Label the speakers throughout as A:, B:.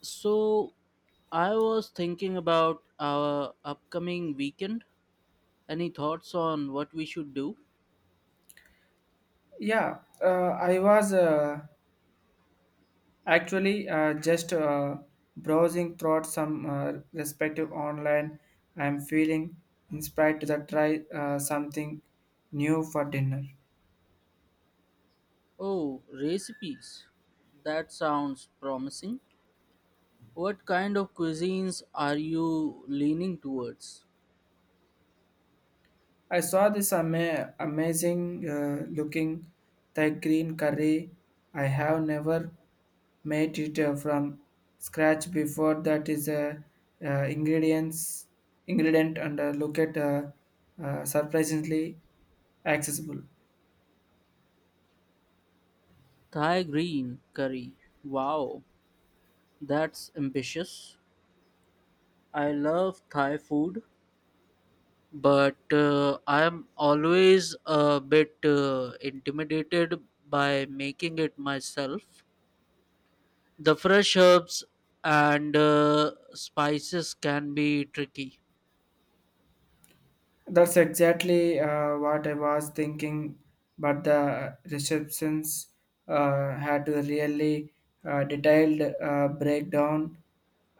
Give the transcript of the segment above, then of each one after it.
A: So, I was thinking about our upcoming weekend. Any thoughts on what we should do?
B: Yeah, I was actually just browsing through some respective online. I'm feeling inspired to the try something new for dinner.
A: Oh, recipes. That sounds promising. What kind of cuisines are you leaning towards?
B: I saw this amazing looking Thai green curry. I have never made it from scratch before. That is a uh, uh, ingredients ingredient and look at surprisingly accessible.
A: Thai green curry. Wow, that's ambitious. I love Thai food, but I'm always a bit intimidated by making it myself. The fresh herbs and spices can be tricky.
B: That's exactly what I was thinking, but the receptions had a really detailed breakdown,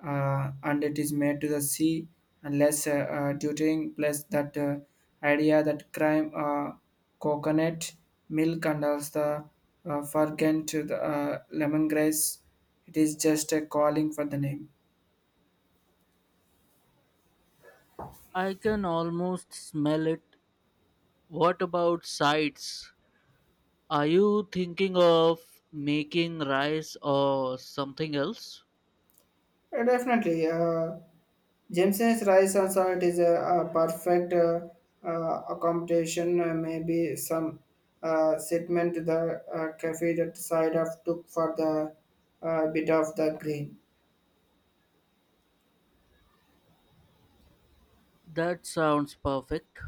B: and it is made to the sea unless tutoring plus that idea that crime coconut milk and also the forget to the lemongrass. It is just a calling for the name.
A: I can almost smell it. What about sides? Are you thinking of making rice or something else?
B: Yeah, definitely. Jameson's rice and salt is a perfect accommodation. Maybe some segment to the cafe that side of took for the bit of the green.
A: That sounds perfect.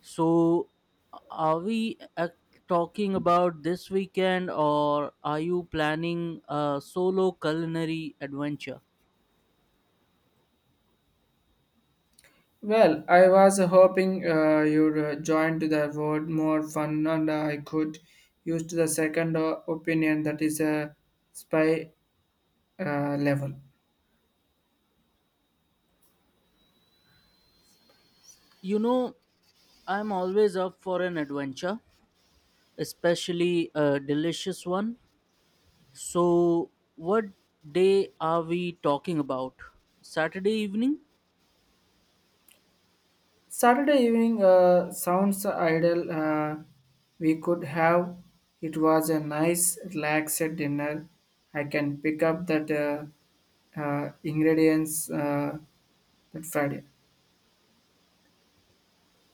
A: So, are we ac- talking about this weekend, or are you planning a solo culinary adventure?
B: Well, I was hoping you'd join to the word more fun and I could use to the second opinion that is a spy level.
A: You know, I'm always up for an adventure, especially a delicious one. So, what day are we talking about? Saturday evening?
B: Saturday evening sounds ideal. We could have. It was a nice, relaxed dinner. I can pick up that ingredients that Friday.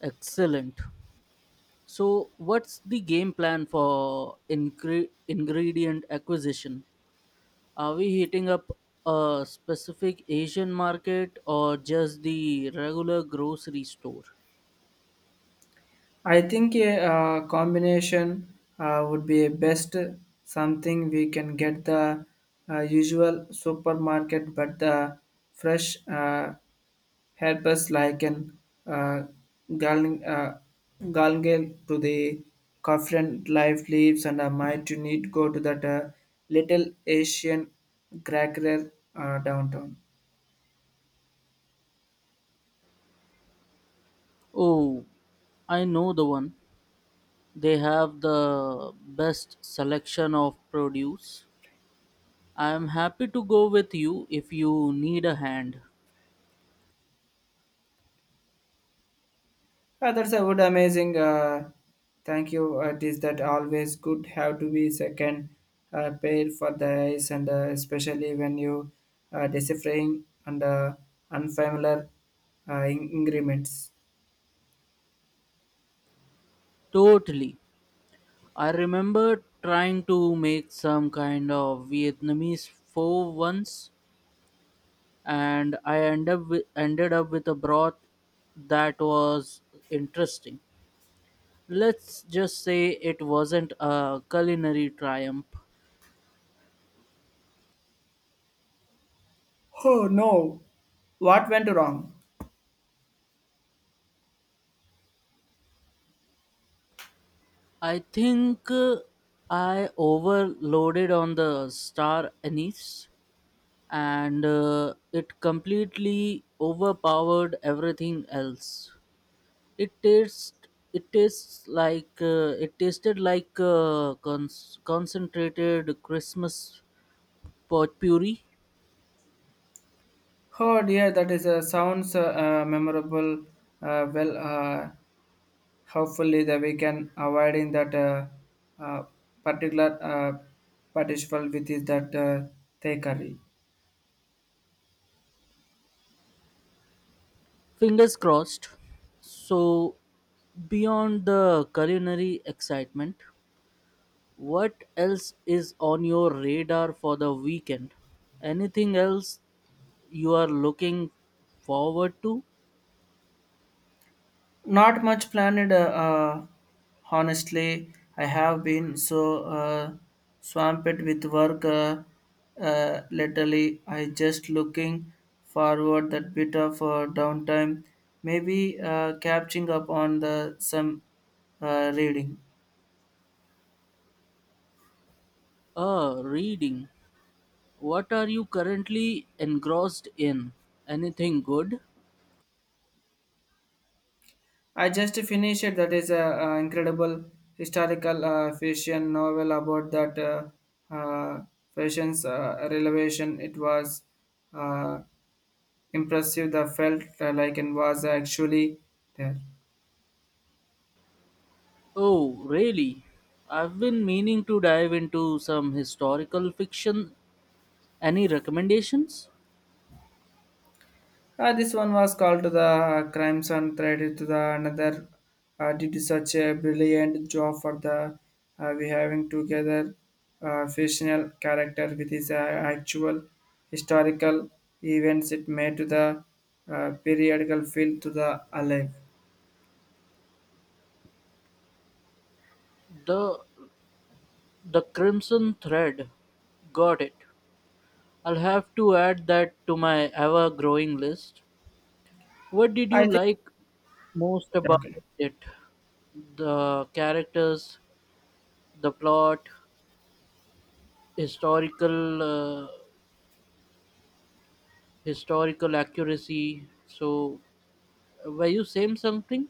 A: Excellent. So, what's the game plan for ingredient acquisition? Are we hitting up a specific Asian market or just the regular grocery store?
B: I think a combination would be best. Something we can get the usual supermarket, but the fresh. Help us like an uh, gal- uh, galgal to the confident life leaves and I might you need go to that little Asian cracker downtown.
A: Oh, I know the one. They have the best selection of produce. I'm happy to go with you if you need a hand.
B: That's a good amazing. Thank you. It is that always good have to be second pair for the eyes and especially when you deciphering and unfamiliar increments.
A: Totally. I remember trying to make some kind of Vietnamese pho once, and I end up with, ended up with a broth that was interesting. Let's just say it wasn't a culinary triumph.
B: Oh no! What went wrong?
A: I think I overloaded on the star anise, and it completely overpowered everything else. It tastes it tasted like concentrated Christmas potpourri.
B: Oh dear, that is sounds memorable. Well, hopefully that we can avoiding that uh, particular participant with is that thai.
A: Fingers crossed. So, beyond the culinary excitement, what else is on your radar for the weekend? Anything else you are looking forward to?
B: Not much planned, honestly. I have been so swamped with work lately. I just looking forward that bit of downtime, maybe catching up on the some reading.
A: Reading. What are you currently engrossed in? Anything good?
B: I just finished it. That is a, incredible historical fiction novel about that fashion's relevation. It was uh, impressive the felt like and was actually there.
A: Oh, really? I've been meaning to dive into some historical fiction. Any recommendations?
B: This one was called to the crimes and threaded to the another did such a brilliant job for the we having together fictional character with his actual historical events it made to the periodical feel to the alive.
A: The The Crimson Thread. Got it. I'll have to add that to my ever-growing list. What did you
B: I think
A: like most about
B: okay.
A: it? The characters, the plot, historical uh, historical accuracy. So, were you saying something?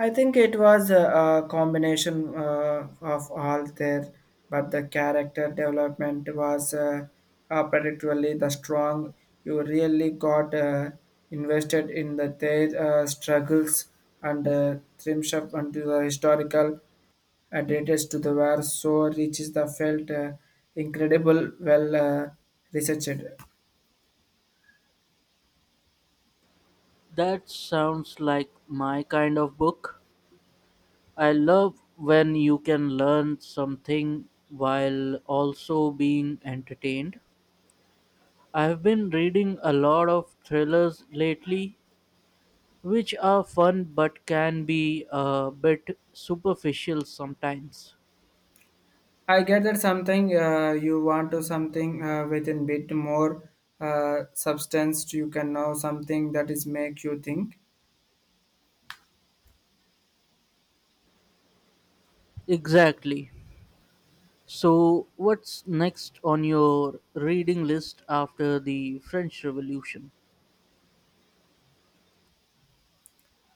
B: I think it was a combination of all there, but the character development was particularly the strong. You really got invested in the their struggles and Trimshop and the historical details to the war so reaches the felt incredible well researched.
A: That sounds like my kind of book. I love when you can learn something while also being entertained. I've been reading a lot of thrillers lately, which are fun but can be a bit superficial sometimes.
B: I get that something you want to something with a bit more substance. You can know something that is make you think.
A: Exactly. So, what's next on your reading list after the French Revolution?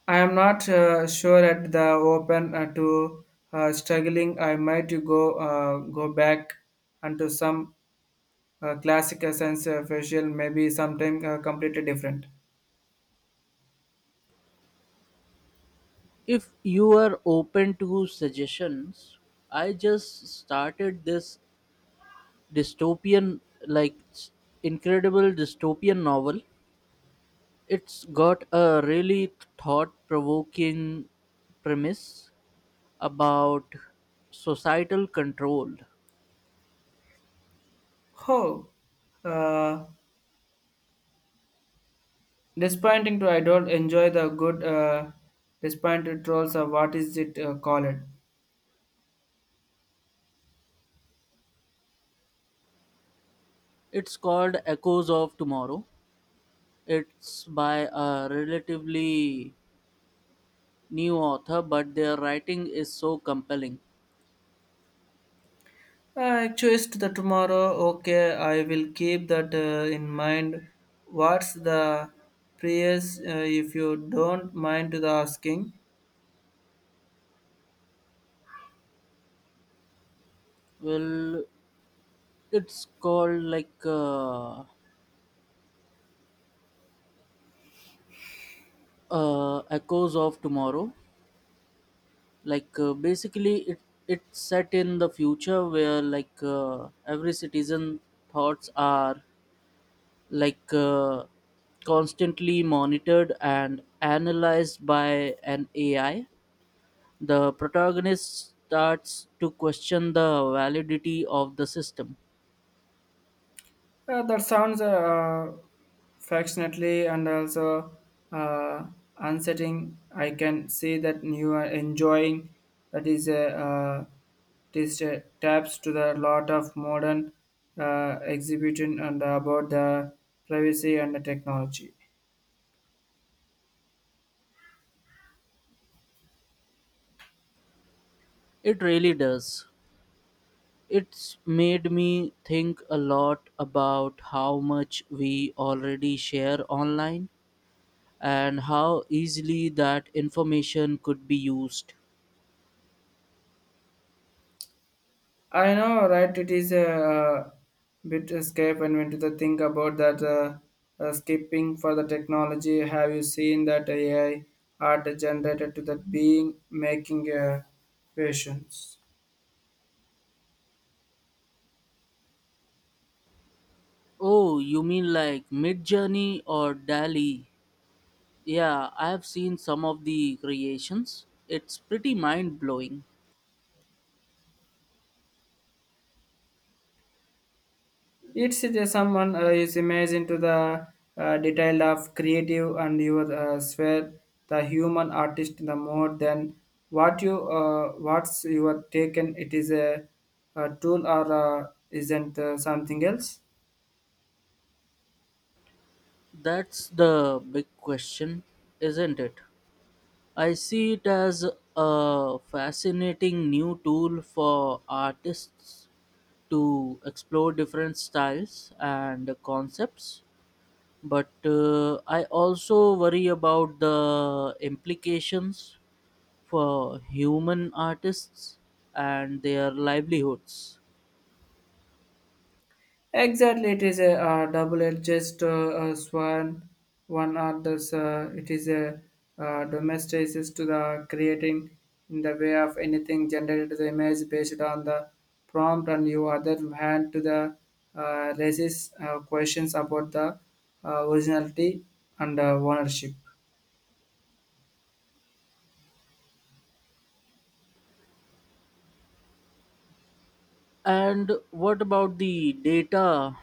B: I am not sure at the open to struggling. I might go back into some classic essence facial, maybe something completely different.
A: If you are open to suggestions, I just started this dystopian, like s- incredible dystopian novel. It's got a really thought provoking premise about societal control.
B: Oh, uh, disappointing to I don't enjoy the good disappointed trolls or what is it called?
A: It's called Echoes of Tomorrow. It's by a relatively new author, but their writing is so compelling.
B: I choose the tomorrow. Okay, I will keep that in mind. What's the price, if you don't mind the asking?
A: Well, it's called like. Echoes of tomorrow, like basically it's set in the future where, like every citizen thoughts are, like constantly monitored and analyzed by an AI. The protagonist starts to question the validity of the system.
B: That sounds affectionately and also uh, unsettling. I can see that you are enjoying. That is a this taps to the lot of modern exhibition and about the privacy and the technology.
A: It really does. It's made me think a lot about how much we already share online and how easily that information could be used.
B: I know, right? It is a, bit escape, and when to think about that skipping for the technology, have you seen that AI art generated to that being making patients?
A: Oh, you mean like Midjourney or DALI? Yeah, I have seen some of the creations. It's pretty mind blowing.
B: It is someone is imagine to the detail of creative and your sphere, the human artist, the more than what you what's you are taken. It is a tool or isn't something else.
A: That's the big question, isn't it? I see it as a fascinating new tool for artists to explore different styles and concepts, but I also worry about the implications for human artists and their livelihoods.
B: Exactly, it is a double-edged sword. One others, it is a domesticates to the creating in the way of anything generated the image based on the prompt, and you other hand to the raises questions about the originality and ownership.
A: And what about the data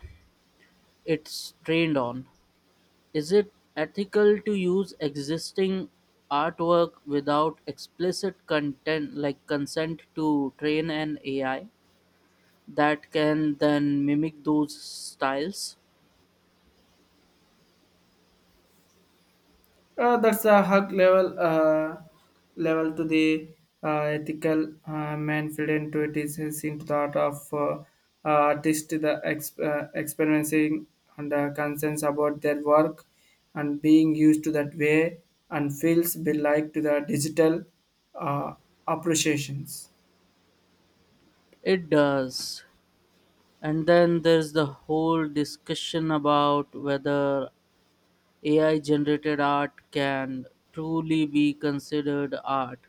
A: it's trained on? Is it ethical to use existing artwork without explicit content, like consent, to train an AI that can then mimic those styles?
B: That's a hug level level to the ethical manfred to it is into the art of artist the experiencing and concerns about their work and being used to that way and feels be like to the digital uh, appreciations.
A: It does. And then there's the whole discussion about whether AI generated art can truly be considered art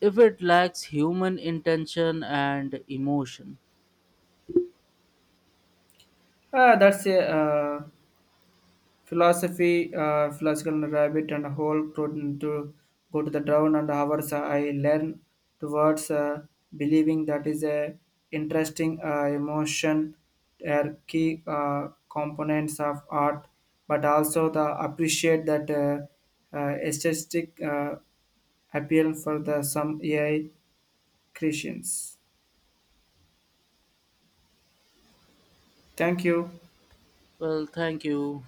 A: if it lacks human intention and emotion.
B: That's a philosophical rabbit and whole protein to go to the down and hours I learn towards believing that is a interesting emotion are key components of art, but also the appreciate that aesthetic appeal for the some AI creations. Thank you.
A: Well, thank you.